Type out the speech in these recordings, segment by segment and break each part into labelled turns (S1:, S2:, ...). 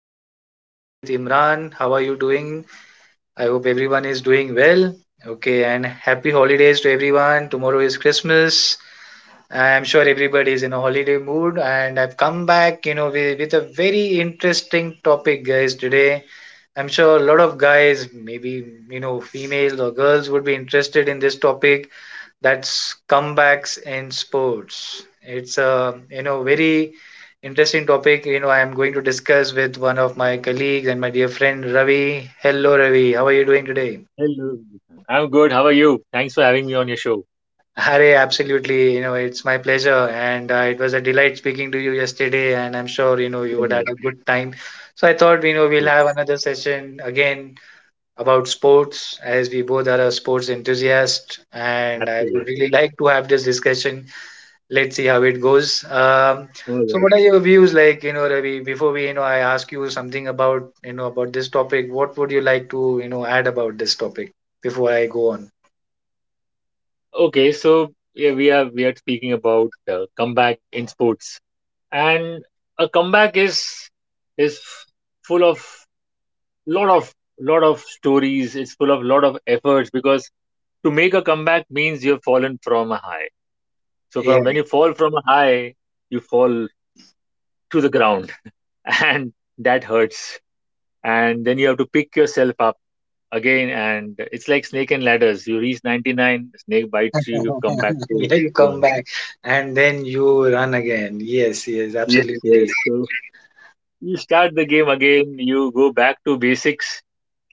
S1: podcast session with Imran. How are you doing? I hope everyone is doing well. Okay, and happy holidays to everyone. Tomorrow is Christmas. I'm sure everybody is in a holiday mood, and I've come back, with a very interesting topic, guys, today. I'm sure a lot of guys, maybe, females or girls would be interested in this topic That's comebacks in sports. It's a very interesting topic. I am going to discuss with one of my colleagues and my dear friend Ravi. Hello Ravi, how are you doing today?
S2: Hello. I'm good. How are you? Thanks for having me on your show.
S1: Hare, absolutely. It's my pleasure, and it was a delight speaking to you yesterday. And I'm sure you
S2: You
S1: would have
S2: know,
S1: a good time. So I thought we'll have
S2: yes,
S1: another session again about sports, as we both are a sports enthusiast, and I would
S2: absolutely.
S1: really like to have this discussion. Let's see how it goes. Um,
S2: All
S1: so,
S2: right.
S1: what are your views like, Ravi? Before I ask you something about, about this topic. What would you like to, add about this topic before I go on?
S2: Okay, so yeah, we are speaking about comeback in sports, and a comeback is full of lot of lot of stories. It's full of lot of efforts because to make a comeback means you've fallen from a high. So
S1: Yeah,
S2: from when you fall from a high, you fall to the ground, and that hurts. And then you have to pick yourself up again, and it's like snake and ladders. You reach 99, snake bites you come back to
S1: yeah, you come
S2: one.
S1: back and then you run again. Yes, yes,
S2: Yes,
S1: absolutely.
S2: yes, so you start the game again. You go back to basics.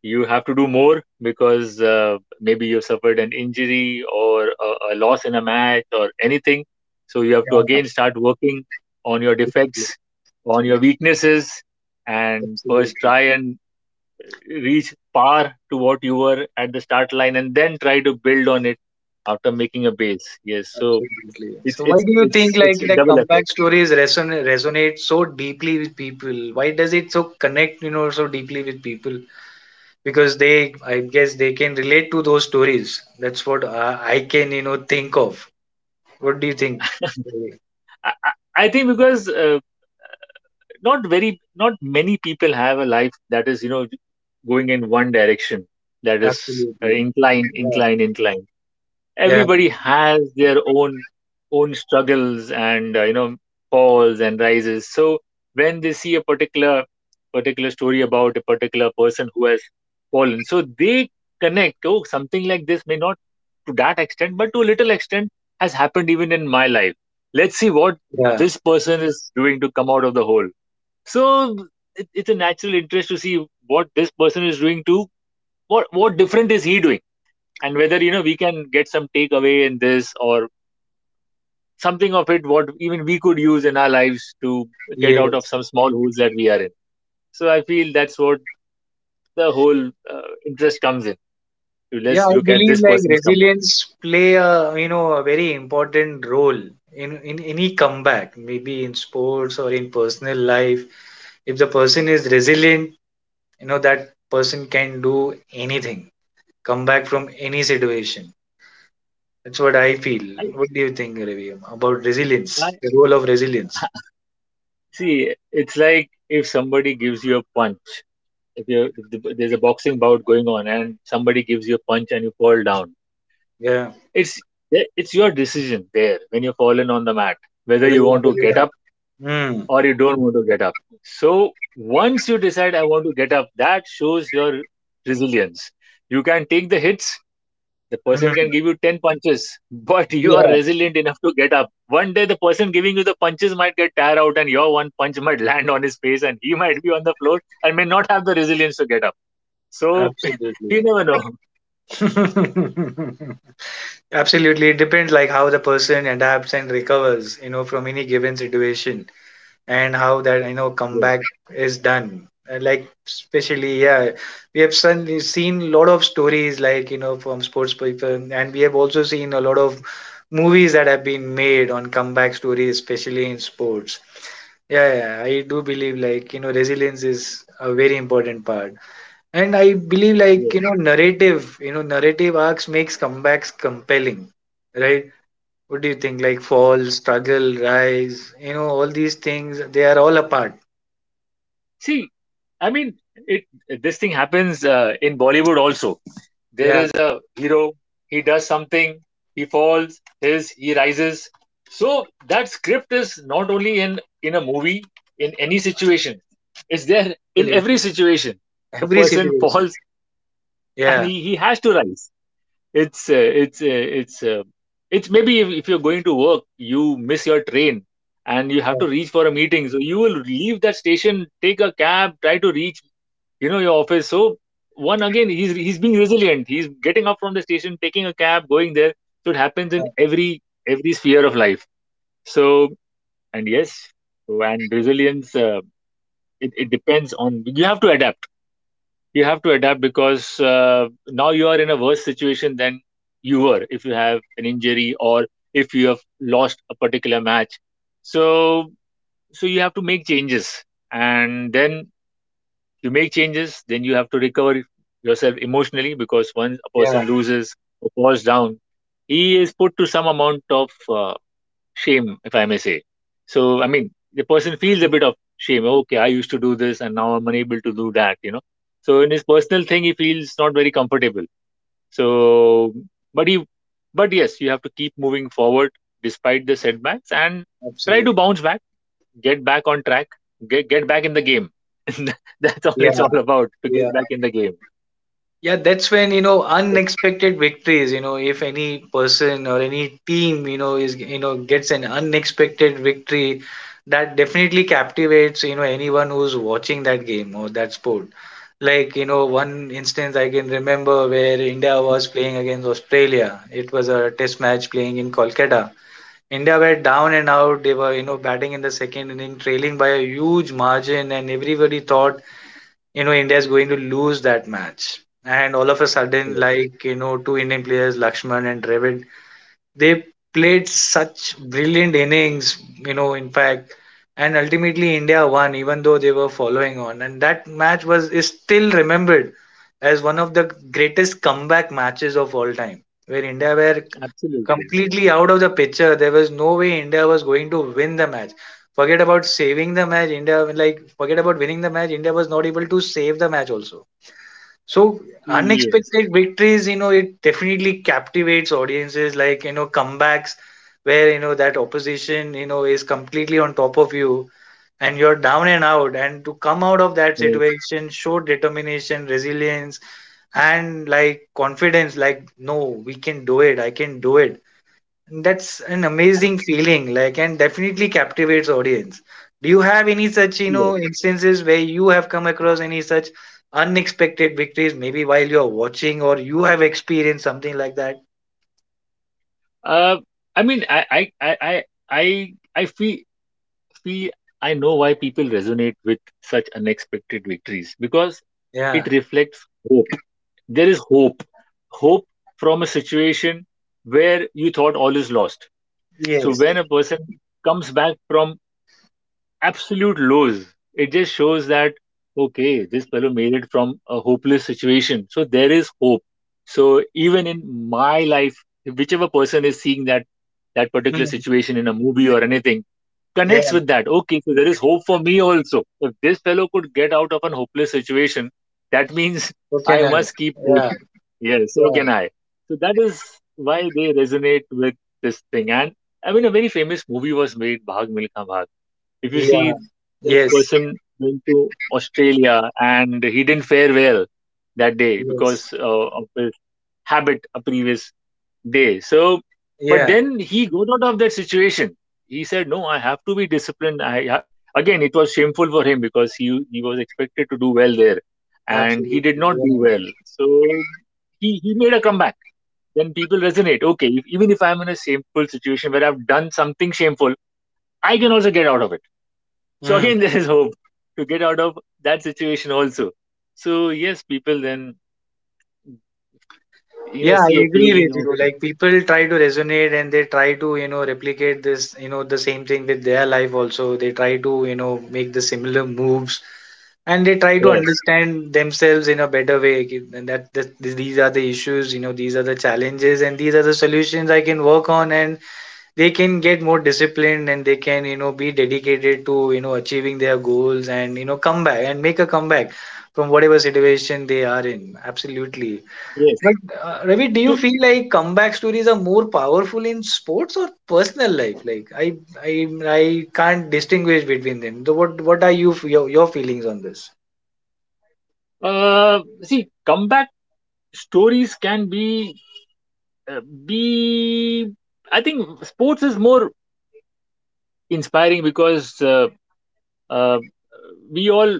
S2: You have to do more because maybe you've suffered an injury or a loss in a match or anything, so you have to
S1: Yeah,
S2: again start working on your defects, on your weaknesses, and first
S1: absolutely,
S2: try and reach par to what you were at the start line, and then try to build on it after making a base. Yes, so
S1: absolutely.
S2: it's
S1: So, why
S2: it's
S1: do you
S2: it's
S1: think
S2: it's
S1: like
S2: a
S1: like
S2: double effort.
S1: comeback stories resonate so deeply with people? Why does it so connect, so deeply with people? Because they I guess they can relate to those stories. That's what I can think of. What do you think? Right.
S2: I, I I think because not very not many people have a life that is going in one direction, that is
S1: Absolutely.
S2: incline
S1: Yeah,
S2: incline incline
S1: yeah,
S2: Everybody has their own struggles and falls and rises. So when they see a particular story about a particular person who has fallen, so they connect, oh, something like this may not to that extent, but to a little extent has happened even in my life. Let's see what
S1: yeah,
S2: this person is doing to come out of the hole. So it's a natural interest to see what this person is doing, to what different is he doing, and whether we can get some takeaway in this, or something of it what even we could use in our lives to get out of
S1: yes,
S2: some small holes that we are in. So I feel that's what the whole interest comes in. So
S1: yeah.
S2: let's
S1: I
S2: look at
S1: believe
S2: this
S1: like
S2: person's comeback.
S1: resilience play a a very important role in any comeback, maybe in sports or in personal life. If the person is resilient, that person can do anything, come back from any situation. That's what I feel.
S2: I,
S1: What do you think, Ravi, about
S2: I
S1: resilience, the role of resilience?
S2: see, it's like if somebody gives you a punch, if you if the- there's a boxing bout going on and somebody gives you a punch and you fall down.
S1: Yeah,
S2: It's it's your decision there, when you're fallen on the mat, whether
S1: whether
S2: you
S1: you
S2: want
S1: want to
S2: to get
S1: get up.
S2: up
S1: Mm.
S2: or you don't want to get up. So once you decide, I want to get up, that shows your resilience. You can take the hits. The person
S1: Mm.
S2: can give you 10 punches, but you
S1: Yeah,
S2: are resilient enough to get up. One day, the person giving you the punches might get tired out, and your one punch might land on his face, and he might be on the floor and may not have the resilience to get up. So you
S1: absolutely.
S2: never know.
S1: Absolutely. It depends like how the person adapts and recovers, from any given situation. And how that
S2: Yes.
S1: comeback is done. Like especially yeah, we have seen a lot of stories like from sports people, and we have also seen a lot of movies that have been made on comeback stories, especially in sports. Yeah, yeah, I do believe like resilience is a very important part, and I believe like
S2: Yes.
S1: narrative, you know narrative arcs makes comebacks compelling, right? What do you think? Like fall, struggle, rise, all these things, they are all apart.
S2: See, I mean, it this thing happens in Bollywood also. There
S1: Yeah,
S2: is a hero, he does something, he falls, his he rises. So that script is not only in a movie, in any situation. It's there in
S1: absolutely.
S2: every situation. A
S1: Every
S2: person
S1: situation.
S2: falls, and
S1: Yeah.
S2: he has to rise. It's uh, it's uh, it's uh, it's maybe, if you're going to work, you miss your train and you have
S1: Yeah.
S2: to reach for a meeting. So you will leave that station, take a cab, try to reach your office. So one again, he's being resilient, he's getting up from the station, taking a cab, going there. So it happens in every sphere of life. So, and yes, so and resilience, it depends on, you have to adapt. You have to adapt because now you are in a worse situation than you were, if you have an injury or if you have lost a particular match. So you have to make changes, and then you make changes, then you have to recover yourself emotionally, because once a
S1: Yeah.
S2: person loses or falls down, he is put to some amount of shame, if I may say. So, I mean, the person feels
S1: Yeah,
S2: a bit of shame. Okay, I used to do this, and now I'm unable to do that. So in his personal thing he feels not very comfortable. So but he but yes, you have to keep moving forward despite the setbacks, and try to
S1: absolutely.
S2: bounce back, get back on track, get back in the game. That's all,
S1: Yeah.
S2: it's all about to
S1: Yeah.
S2: get back in the game.
S1: Yeah. That's when, unexpected victories, if any person or any team, gets an unexpected victory, that definitely captivates, anyone who's watching that game or that sport. Like, one instance I can remember where India was playing against Australia. It was a test match playing in Kolkata. India were down and out. They were, batting in the second inning, trailing by a huge margin, and everybody thought, India is going to lose that match. And all of a sudden,
S2: Okay,
S1: like, two Indian players, Lakshman and Dravid, they played such brilliant innings, in fact, and ultimately India won, even though they were following on. And that match was is still remembered as one of the greatest comeback matches of all time, where India were
S2: absolutely.
S1: completely out of the picture. There was no way India was going to win the match. Forget about saving the match. India, like forget about winning the match. India was not able to save the match also. So
S2: Yes,
S1: unexpected victories, it definitely captivates audiences. Like comebacks where that opposition is completely on top of you and you're down and out, and to come out of that
S2: yes,
S1: situation show determination, resilience, and like confidence, like no, we can do it, I can do it. That's an
S2: ab-
S1: amazing feeling, like, and definitely captivates audience. Do you have any such,
S2: yes.
S1: instances where you have come across any such unexpected victories, maybe while you're watching or you have experienced something like that?
S2: Uh, I mean, I I feel, feel, I know why people resonate with such unexpected victories, because it
S1: Yeah.
S2: reflects hope. There is hope from a situation where you thought all is lost. So
S1: Yes.
S2: when a person comes back from absolute lows, it just shows that, okay, this fellow made it from a hopeless situation. So there is hope. So even in my life, whichever person is seeing that particular
S1: Mm.
S2: situation in a movie or anything, connects
S1: Yeah.
S2: with that. Okay, so there is hope for me also. If this fellow could get out of an hopeless situation, that means I
S1: Coconut.
S2: must keep hope.
S1: Yeah.
S2: Yes, so
S1: Yeah.
S2: can I. So that is why they resonate with this thing. And I mean, a very famous movie was made, Bhag Milkha Bhag. If you
S1: Yeah.
S2: see, that
S1: Yes.
S2: person went to Australia and he didn't fare well that day
S1: Yes.
S2: because of his habit a previous day. So, but
S1: Yeah.
S2: then he got out of that situation. He said, "No, I have to be disciplined." Again, it was shameful for him because he was expected to do well there, and he
S1: Absolutely.
S2: did not
S1: Yeah.
S2: do well. So he made a comeback. Then people resonate. Okay, if, even if I'm in a shameful situation where I've done something shameful, I can also get out of it. So
S1: Mm.
S2: again, there is hope to get out of that situation also. So yes, people then
S1: Yeah, I
S2: see a
S1: agree
S2: feeling
S1: with
S2: of
S1: you. Like people try to resonate and they try to, replicate this, the same thing with their life also. They try to, make the similar moves and they try to
S2: yes,
S1: understand themselves in a better way. Ki- And that these are the issues, these are the challenges and these are the solutions I can work on, and they can get more disciplined and they can, be dedicated to, achieving their goals and, come back and make a comeback from whatever situation they are in. Absolutely.
S2: yes.
S1: But Ravi, do you
S2: To
S1: feel like comeback stories are more powerful in sports or personal life? Like I can't distinguish between them. So what are your feelings on this?
S2: See, comeback stories can be uh, be. I think sports is more inspiring because uh, we all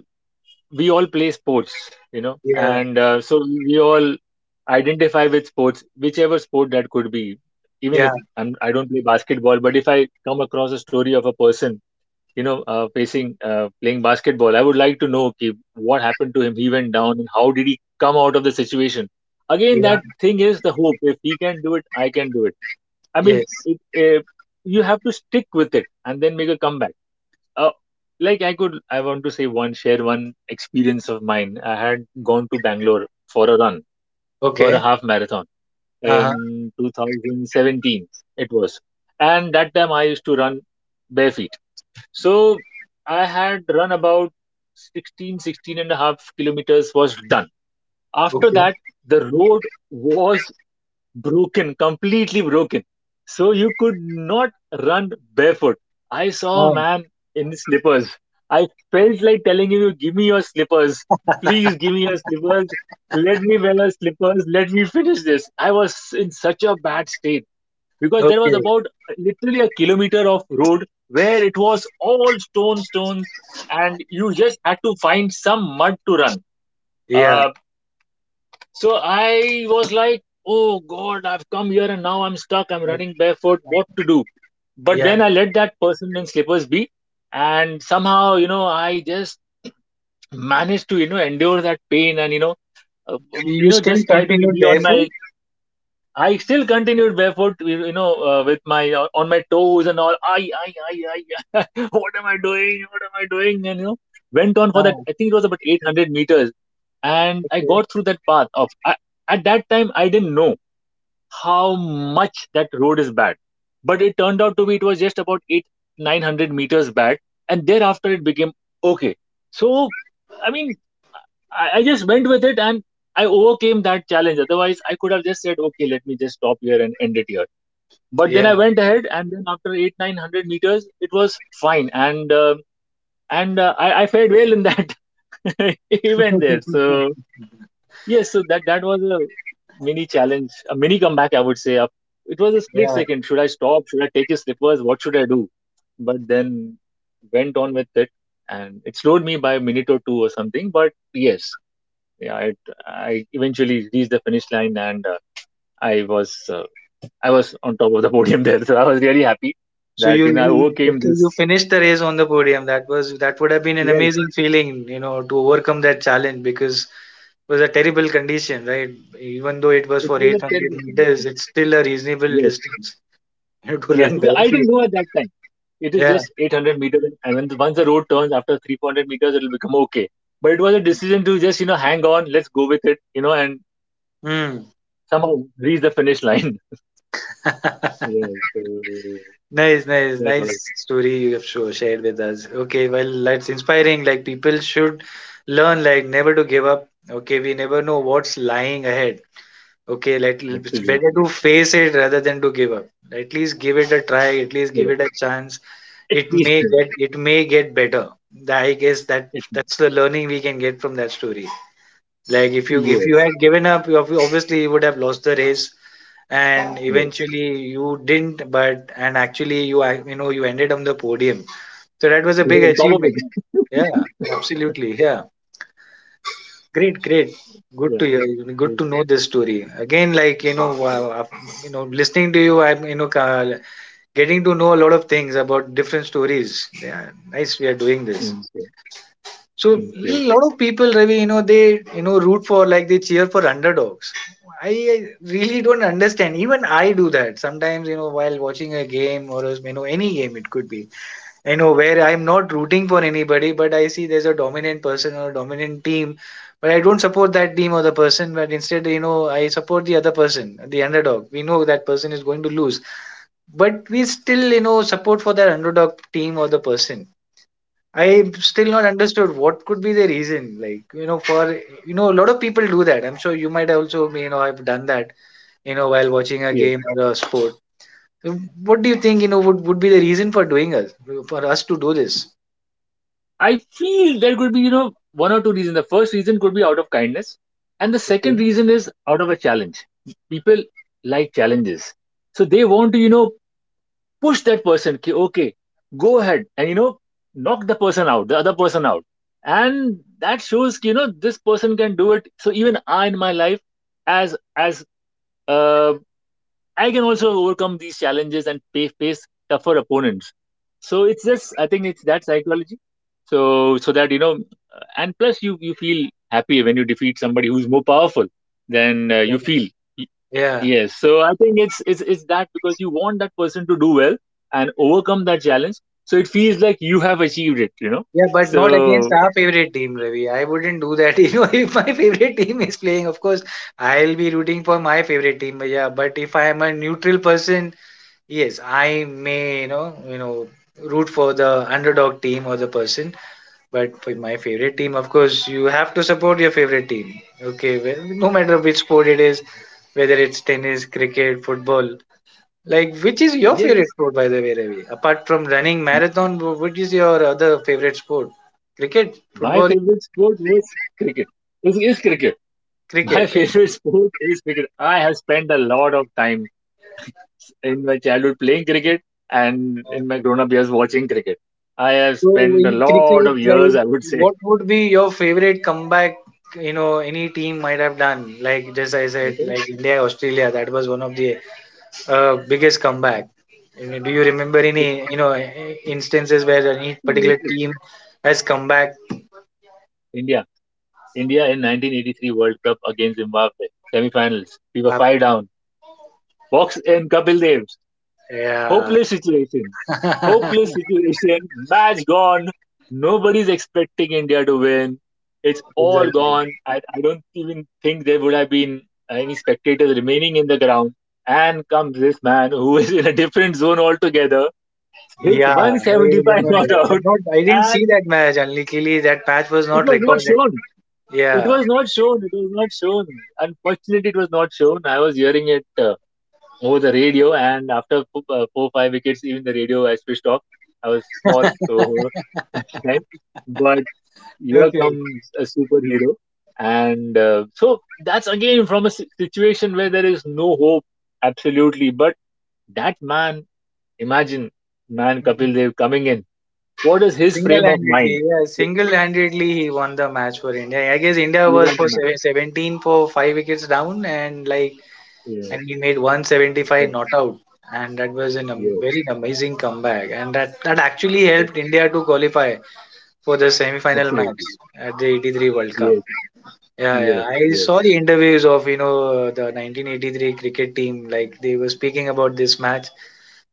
S2: we all play sports,
S1: Yeah,
S2: and so we all identify with sports, whichever sport that could be. Even
S1: yeah,
S2: if I'm, I don't play basketball, but if I come across a story of a person, you know, facing playing basketball, I would like to know, okay, what happened to him. He went down, and how did he come out of the situation? Again, that
S1: yeah,
S2: thing is the hope. If he can do it, I can do it. I
S1: yes.
S2: mean, you have to stick with it and then make a comeback uh,, like I want to say share one experience of mine. I had gone to Bangalore for a run, for a
S1: Okay.
S2: half marathon
S1: Uh-huh.
S2: in 2017. It was, and that time I used to run bare feet. So I had run about 16, 16 and a half kilometers was done. After
S1: Okay.
S2: that, the road was broken, completely broken. So you could not run barefoot. I saw a
S1: Oh,
S2: man in slippers. I felt like telling him, give me your slippers. Please give me your slippers. Let me wear your slippers. Let me finish this. I was in such a bad state because there was
S1: okay.
S2: about literally a kilometer of road where it was all stone, stone, and you just had to find some mud to run.
S1: Yeah.
S2: Uh, so I was like, oh God, I've come here and now I'm stuck. I'm
S1: that-
S2: running barefoot. What to do? But
S1: Yeah.
S2: then I let that person in slippers be. And somehow, I just managed to, endure that pain, and,
S1: So you still
S2: just try to
S1: continue
S2: be on
S1: therefore?
S2: my... I still continued barefoot, with my on my toes and all. What am I doing? What am I doing? And went on for that.
S1: Ah,
S2: I think it was about 800 meters, and I
S1: okay.
S2: got through that path. At that time, I didn't know how much that road is bad. But it turned out to be, it was just about eight, 900 meters bad, and thereafter it became okay. So, I mean, I just went with it and I overcame that challenge. Otherwise, I could have just said, okay, let me just stop here and end it here. But
S1: Yeah.
S2: then I went ahead, and then after eight, 900 meters, it was fine, and I fared well in that event there. So. Yes, so that was a mini challenge, a mini comeback, I would say. It was a split
S1: Yeah.
S2: second. Should I stop? Should I take his slippers? What should I do? But then went on with it, and it slowed me by a minute or two or something. But yes, yeah, it, I eventually reached the finish line, and I was uh, I was on top of the podium there. So I was really happy
S1: So you
S2: that I overcame
S1: Okay, you
S2: this.
S1: finished the race on the podium. That was that would have been an
S2: Yes,
S1: amazing feeling, you know, to overcome that challenge because it was a terrible condition, right? Even though it was
S2: it
S1: for
S2: was a
S1: 800
S2: terrible
S1: meters,
S2: condition.
S1: it's still a reasonable
S2: Yes.
S1: distance to
S2: Yes,
S1: run
S2: because I didn't
S1: barefoot.
S2: know at that time. It is
S1: Yeah.
S2: just 800 meters, and when the, once the road turns after 300 meters, it'll become okay. But it was a decision to just hang on, let's go with it, and
S1: Hmm.
S2: somehow reach the finish line. Yes, so
S1: Nice, nice,
S2: that
S1: nice
S2: was
S1: story you have shared with us. Okay, well, that's inspiring. Like people should learn, like never to give up. Okay, we never know what's lying ahead. Okay, let it's better
S2: absolutely
S1: to face it rather than to give up. At least give it a try. At least give
S2: yes.
S1: it a chance.
S2: At
S1: It
S2: least
S1: may get, it may get better. Tha- I guess that
S2: it,
S1: that's the learning we can get from that story. Like if you
S2: yes,
S1: had given up, you ob- obviously you would have lost the race, and
S2: yes,
S1: eventually you didn't. But and actually you ac- you ended on the podium. So that was a
S2: yes.
S1: big
S2: On top of
S1: achievement.
S2: it,
S1: Yeah, absolutely. Yeah. Great, great. Good
S2: yeah.
S1: to hear.
S2: So,
S1: Good to know this story. Again, like wow, af- listening to you, I'm ca- getting to know a lot of things about different stories. Yeah, nice. We are doing this.
S2: and so,
S1: So
S2: and
S1: a
S2: so,
S1: lot of people, Ravi, they root for, like they cheer for underdogs. I really don't understand. Even I do that sometimes. You know, while watching a game or any game, it could be. I know where I'm not rooting for anybody, but I see there's a dominant person or a dominant team, but I don't support that team or the person, but instead, I support the other person, the underdog. We know that person is going to lose, but we still, support for that underdog team or the person. I still not understood what could be the reason. Like, a lot of people do that. I'm sure you might also, have done that, while watching a
S2: yes.
S1: game or a sport. So, what do you think, would be the reason for doing us, for us to do this?
S2: I feel there could be, you know, one or two reasons. The first reason could be out of kindness, and the second reason is out of a challenge. People like challenges, so they want to, you know, push that person. Ki, okay, go ahead and you know, knock the person out, the other person out, and that shows, ki, you know, this person can do it. So even I in my life, as uh. I can also overcome these challenges and pay, face tougher opponents. So it's just I think it's that psychology. So so that you know, and plus you feel happy when you defeat somebody who's more powerful than you feel. Y-
S1: Yeah.
S2: Yes. So I think it's that because you want that person to do well and overcome that challenge. So it feels like you have achieved it. You know.
S1: Yeah, but not
S2: So
S1: against our favorite team, Ravi. I wouldn't do that. You know, if my favorite team is playing, of course, I'll be rooting for my favorite team. But yeah, but if I am a neutral person, yes, I may, root for the underdog team or the person. But for my favorite team, of course, you have to support your favorite team. Okay, well, no matter which sport it is, whether it's tennis, cricket, football. Like, which is your
S2: yeah,
S1: favorite sport, by the way, Ravi? Apart from running marathon, wh- what is your other favorite sport? Cricket,
S2: my
S1: football,
S2: favorite sport was cricket. Is cricket. My
S1: cricket. Right?
S2: favorite sport is cricket. I have spent a lot of time in my childhood playing cricket and in my grown up years watching cricket. I have
S1: So,
S2: spent
S1: in
S2: a lot
S1: cricket,
S2: of years,
S1: like,
S2: I would say.
S1: what would be your favorite comeback? You know, any team might have done. Like, just I
S2: I
S1: said,
S2: tell
S1: like India, Australia. That was one of the biggest comeback. I mean, do you remember any
S2: you,
S1: I- instances where any particular
S2: absolutely.
S1: team has come back?
S2: India. India in 1983 World Cup against Zimbabwe. Semi finals. We were
S1: Up?
S2: five down. Box in Kapil Dev.
S1: Yeah,
S2: Hopeless situation. Hopeless situation. Match gone. Nobody's expecting India to win. It's all
S1: exactly.
S2: gone. I don't even think there would have been any spectators remaining in the ground. And comes this man who is in a different zone altogether, hits
S1: Yeah, I
S2: 175
S1: remember.
S2: not
S1: I'm
S2: out,
S1: not, I didn't see
S2: and
S1: that match. Only clearly that match was
S2: it
S1: not
S2: was not
S1: recorded.
S2: shown. It
S1: Yeah.
S2: was not shown. It was not shown. Unfortunately, it was not shown. I was hearing it. Over the radio. And after four, four five wickets, even the radio I switched off. I was small, so that time. But here
S1: Okay.
S2: comes a superhero, and so that's again from a situation where there is no hope, absolutely. But that man, imagine man
S1: Hmm.
S2: Kapil Dev coming in. What is his frame of
S1: Single-handedly,
S2: mind?
S1: yeah,
S2: He
S1: single-handedly he won the match for India. I guess India
S2: he
S1: was
S2: won the match.
S1: 17 for five wickets down,
S2: Yes,
S1: and he made 175 not out, and that was
S2: yes,
S1: very amazing comeback, and that actually
S2: yes,
S1: helped India to qualify for the semi-final match
S2: absolutely.
S1: at the 83 World Cup.
S2: Yes,
S1: Yeah, yeah.
S2: yes,
S1: I saw
S2: yes,
S1: the interviews of, you know, the 1983 cricket team. Like, they were speaking about this match.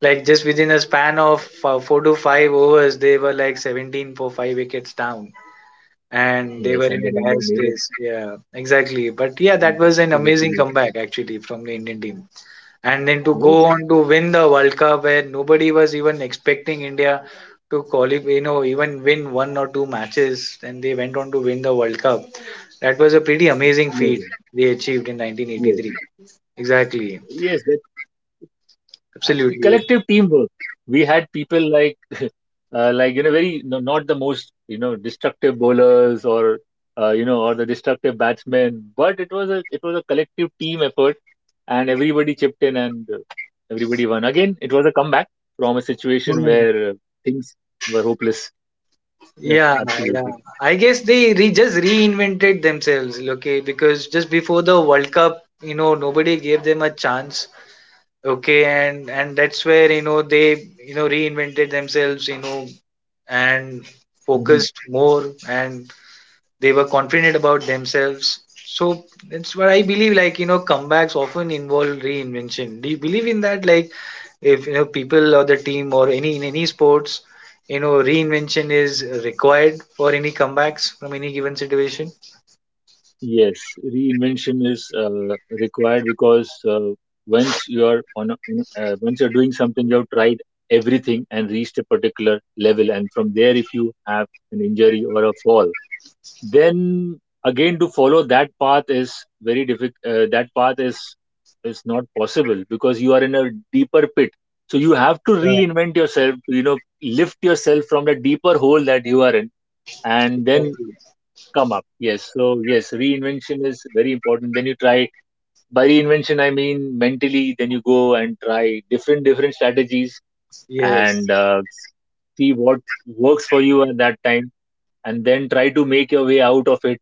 S1: Like, just within a span of four to five overs, they were like 17 for five wickets down. And they
S2: yes.
S1: were in
S2: And
S1: a
S2: then India
S1: dire
S2: made it
S1: straits. Yeah, exactly. But yeah, that was an
S2: to the
S1: amazing
S2: semi.
S1: comeback, actually, from the Indian team. And then to go
S2: Yes,
S1: on to win the World Cup, where nobody was even expecting India to qualify, you know, even win one or two matches. And they went on to win the World Cup, that was a pretty amazing feat
S2: amazing.
S1: they achieved in
S2: Yes,
S1: 1983. Exactly.
S2: yes, that absolutely
S1: Absolutely.
S2: collective teamwork. We had people like you know, very no, not the most you know destructive bowlers or you know or the destructive batsmen, but it was a collective team effort, and everybody chipped in and everybody won. Again, it was a comeback from a situation
S1: Hmm.
S2: where things were hopeless. Yeah,
S1: Yeah, yeah.
S2: absolutely.
S1: I guess they re just reinvented themselves, okay, because just before the World Cup, you know, nobody gave them a chance, okay, and that's where, you know, they, you know, reinvented themselves, you know, and
S2: Mm-hmm.
S1: focused more and they were confident about themselves. So that's what I believe, like, you know, comebacks often involve reinvention. Do you believe in that? Like, if you know, people or the team or any, in any sports, you know, reinvention is required for any comebacks from any given situation.
S2: Yes, reinvention is required because once you are on, a, on once you're doing something, you've tried everything and reached a particular level, and from there, if you have an injury or a fall, then again to follow that path is very difficult. That path is not possible because you are in a deeper pit. So you have to
S1: Yeah,
S2: reinvent yourself. You know, lift yourself from the deeper hole that you are in, and then
S1: exactly.
S2: come up. Yes. So, yes, reinvention is very important. Then you try, by reinvention, I mean mentally, then you go and try different, different strategies
S1: Yes.
S2: and see what works for you at that time and then try to make your way out of it.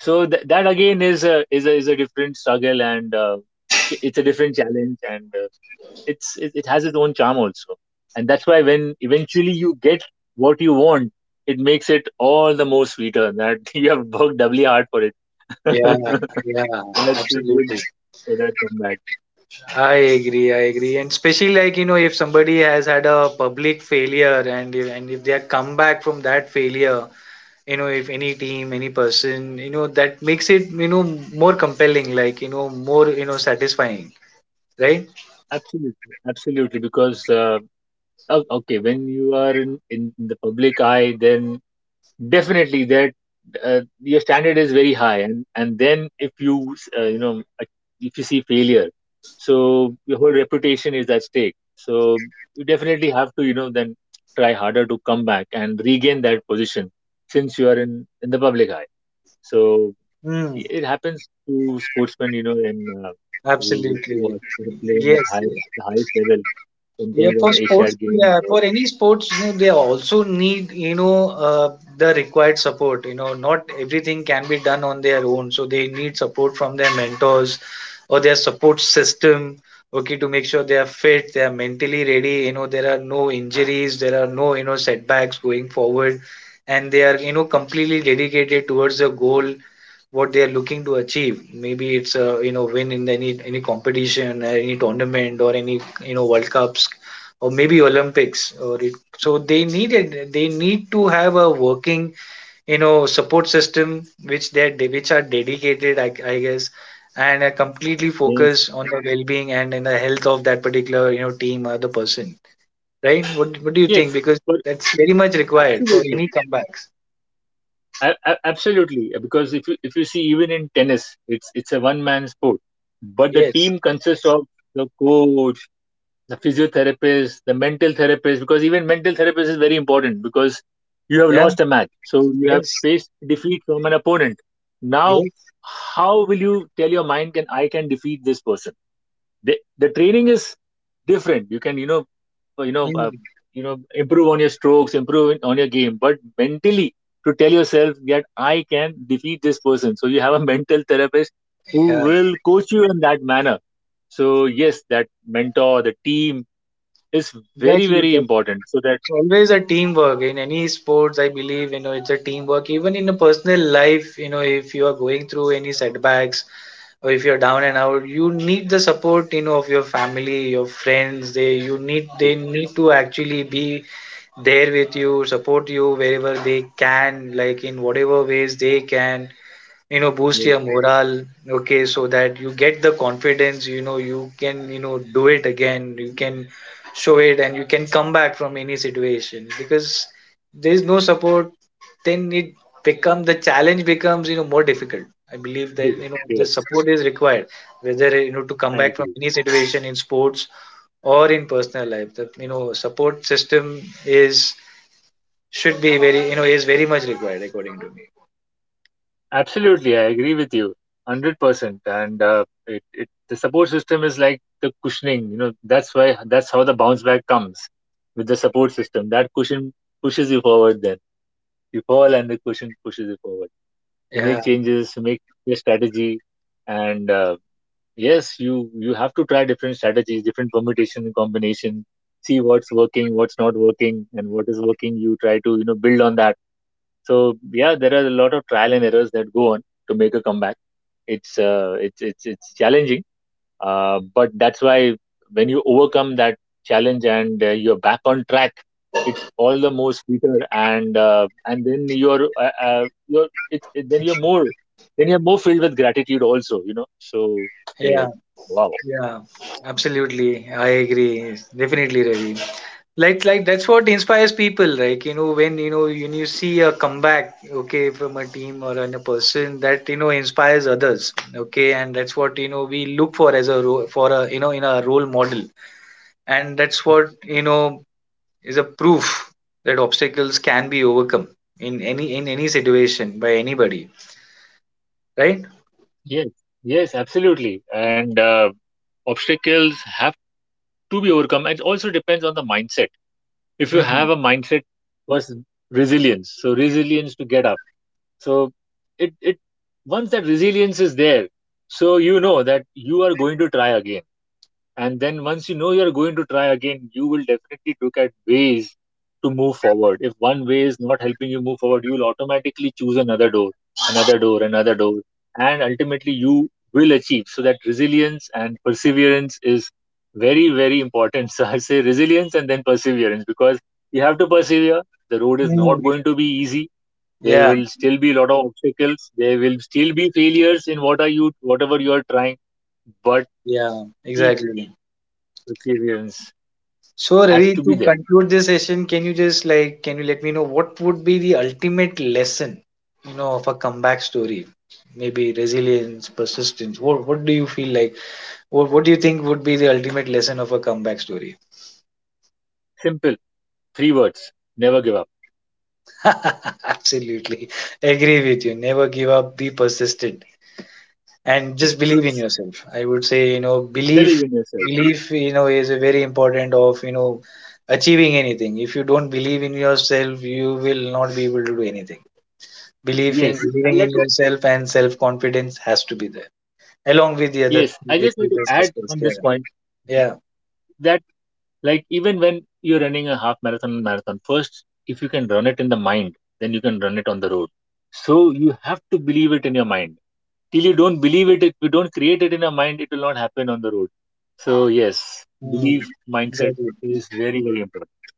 S2: So that again is a, is a, is a different struggle and it's a different challenge and it's, it has its own charm also. And that's why when eventually you get what you want, it makes it all the more sweeter that you have worked doubly hard for it.
S1: Yeah, yeah,
S2: That's a good
S1: absolutely.
S2: for that comeback.
S1: I agree. And especially, like, you know, if somebody has had a public failure, and if they are come back from that failure, you know, if any team, any person, you know, that makes it, you know, more compelling, like, you know, more, you know, satisfying, right?
S2: Absolutely, absolutely. Because okay, when you are in the public eye, then definitely that your standard is very high, and then if you you know if you see failure, so your whole reputation is at stake. So you definitely have to you know then try harder to come back and regain that position since you are in the public eye. So
S1: Mm,
S2: it happens to sportsmen, you know, in who
S1: absolutely.
S2: are you know, playing at
S1: Yes,
S2: high,
S1: yes.
S2: the highest level in
S1: Yeah,
S2: terms of
S1: for
S2: Asian
S1: sports,
S2: Games
S1: yeah,
S2: or
S1: for any sports, you know, they also need, you know, the required support. You know, not everything can be done on their own. So they need support from their mentors or their support system, okay, to make sure they are fit, they are mentally ready. You know, there are no injuries, there are no, you know, setbacks going forward, and they are, you know, completely dedicated towards the goal what they are looking to achieve. Maybe it's a, you know, win in any competition or any tournament or any, you know, world cups or maybe Olympics or it, so they need to have a working, you know, support system which they, which are dedicated, I guess, and are completely
S2: yes,
S1: focused on the well-being and in the health of that particular, you know, team or the person, right? What do you think,
S2: yes,
S1: because
S2: but
S1: that's very much required for
S2: absolutely,
S1: any comebacks?
S2: absolutely, because if you see even in tennis, it's a one man sport, but the
S1: Yes,
S2: team consists of the coach, the physiotherapist, the mental therapist, because even mental therapist is very important because you have
S1: yeah.
S2: lost a match. So you have
S1: Yes,
S2: faced defeat from an opponent. Now,
S1: yes.
S2: how will you tell your mind can I can defeat this person? The training is different. You can you know uh, you know uh,
S1: Mm.
S2: you know improve on your strokes, improve on your game, but mentally to tell yourself that I can defeat this person. So you have a mental therapist who
S1: Yeah,
S2: will coach you in that manner. So yes, that mentor, the team, is very
S1: exactly.
S2: very important so that
S1: Always a teamwork in any sports, I believe, you know. It's a teamwork, even in a personal life. You know, if you are going through any setbacks or if you're down and out, you need the support, you know, of your family, your friends. They you need, they need to actually be there with you, support you wherever they can, like in whatever ways they can, you know, boost
S2: yes
S1: your morale, okay, so that you get the confidence, you know. You can, you know, do it again. You can show it, and you can come back from any situation, because there is no support, then it, become the challenge becomes, you know, more difficult. I believe that, you
S2: bigger
S1: know, the
S2: yes
S1: support is required, whether, you know, to come
S2: I
S1: back from
S2: agree
S1: any situation in sports or in personal life. The, you know, support system is, should be very, you know, is very much required, according to me.
S2: absolutely I agree with you 100% and it, it the support system is like the cushioning you know that's why that's how the bounce back comes with the support system that cushion pushes you forward then you fall and the cushion pushes you forward you
S1: Yeah,
S2: make changes you make your strategy and yes you have to try different strategies different permutation and combination see what's working what's not working and what is working you try to you know build on that so yeah there are a lot of trial and errors that go on to make a comeback it's it's challenging but that's why when you overcome that challenge and you're back on track, it's all the more sweeter and then you're it's it, then you're more filled with gratitude also, you know. So
S1: yeah.
S2: okay, wow.
S1: Yeah, absolutely. I agree. Definitely, Ravi. Like that's what inspires people. Like, you know, when you know, when you see a comeback, okay, from a team or on a person, that, you know, inspires others, okay, and that's what, you know, we look for as for a, you know, in a role model, and that's
S2: Yes,
S1: what, you know, is a proof that obstacles can be overcome in any, in any situation by anybody, right?
S2: yes, yes, absolutely. And obstacles have to be overcome. It also depends on the mindset. If you
S1: Mm.
S2: have a mindset was resilience, so resilience to get up. So it once that resilience is there, so you know that you are going to try again. And then once you know you are going to try again, you will definitely look at ways to move forward. If one way is not helping you move forward, you will automatically choose another door, another door, another door, and ultimately you will achieve. So that resilience and perseverance is very very important. So I say resilience and then perseverance because you have to persevere. The road is
S1: Mm.
S2: not going to be easy there
S1: Yeah,
S2: will still be a lot of obstacles. There will still be failures in what are you, whatever you are trying. But
S1: yeah,
S2: keep
S1: exactly.
S2: perseverance
S1: So
S2: has
S1: Ravi,
S2: to be
S1: to
S2: there.
S1: conclude this session, can you just like, can you let me know what would be the ultimate lesson, you know, of a comeback story? Maybe resilience, persistence. What do you feel like? What do you think would be the ultimate lesson of a comeback story?
S2: Simple, three words. Never give up.
S1: Absolutely. Agree with you. Never give up, be persistent and just believe in
S2: Yes,
S1: yourself. I would say, you know, belief,
S2: believe in yourself.
S1: belief, you know, is a very important of, you know, achieving anything. If you don't believe in yourself, you will not be able to do anything. Believing,
S2: Yes, I
S1: believing in
S2: like to.
S1: yourself and self confidence has to be there, along with the other
S2: Yes,
S1: things
S2: I
S1: which
S2: just need
S1: we
S2: to
S1: just
S2: add
S1: discussed.
S2: on this
S1: Yeah,
S2: point
S1: yeah,
S2: that like even when you're running a half marathon and marathon first if you can run it in the mind then you can run it on the road so you have to believe it in your mind till you don't believe it if you don't create it in your mind it will not happen on the road so yes
S1: Mm.
S2: belief mindset
S1: Exactly,
S2: is very very important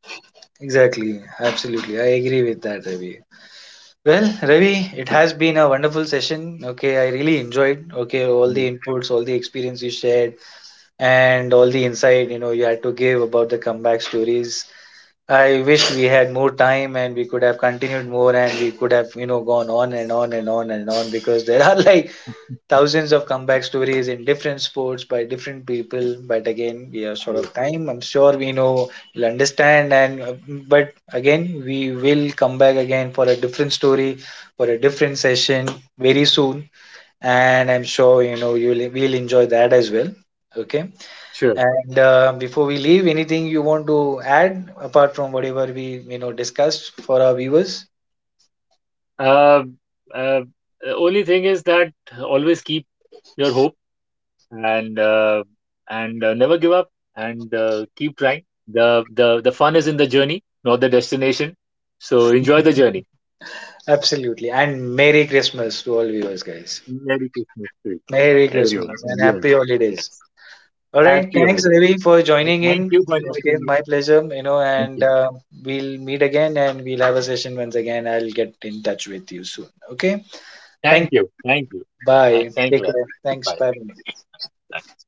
S1: exactly, absolutely. I agree with that, Ravi. Well, Ravi, it has been a wonderful session. Okay, I really enjoyed. Okay, all
S2: yeah,
S1: the inputs, all the experience you shared, and all the insight you know you had to give about the comeback stories. I wish we had more time and we could have continued more, and we could have, you know, gone on and on and on and on, because there are like thousands of comeback stories in different sports by different people. But again, we are short
S2: yeah.
S1: of time. I'm sure we know you'll understand. And but again, we will come back again for a different story, for a different session very soon. And I'm sure, you know, you'll we'll enjoy that as well. Okay.
S2: Sure
S1: And before we leave, anything you want to add apart from whatever we, you know, discussed for our viewers?
S2: uh, uh, the only thing is that always keep your hope and uh, and never give up and keep trying the the fun is in the journey not the destination so enjoy the journey
S1: Absolutely. And Merry Christmas to all viewers, guys.
S2: merry christmas to
S1: Merry
S2: everyone
S1: Christmas
S2: and
S1: and
S2: you
S1: happy
S2: also
S1: holidays.
S2: yes
S1: All right,
S2: happy
S1: thanks
S2: holidays
S1: Ravi for joining
S2: thank
S1: in.
S2: you for
S1: Okay,
S2: inviting me
S1: my pleasure. You know,
S2: thank
S1: and
S2: you.
S1: we'll meet again and we'll have a session once again. I'll get in touch with you soon. Okay,
S2: Thank
S1: thank.
S2: you. Thank you.
S1: Bye.
S2: Thank you,
S1: Take
S2: everyone.
S1: care. Thanks.
S2: Bye.
S1: Bye.
S2: Bye.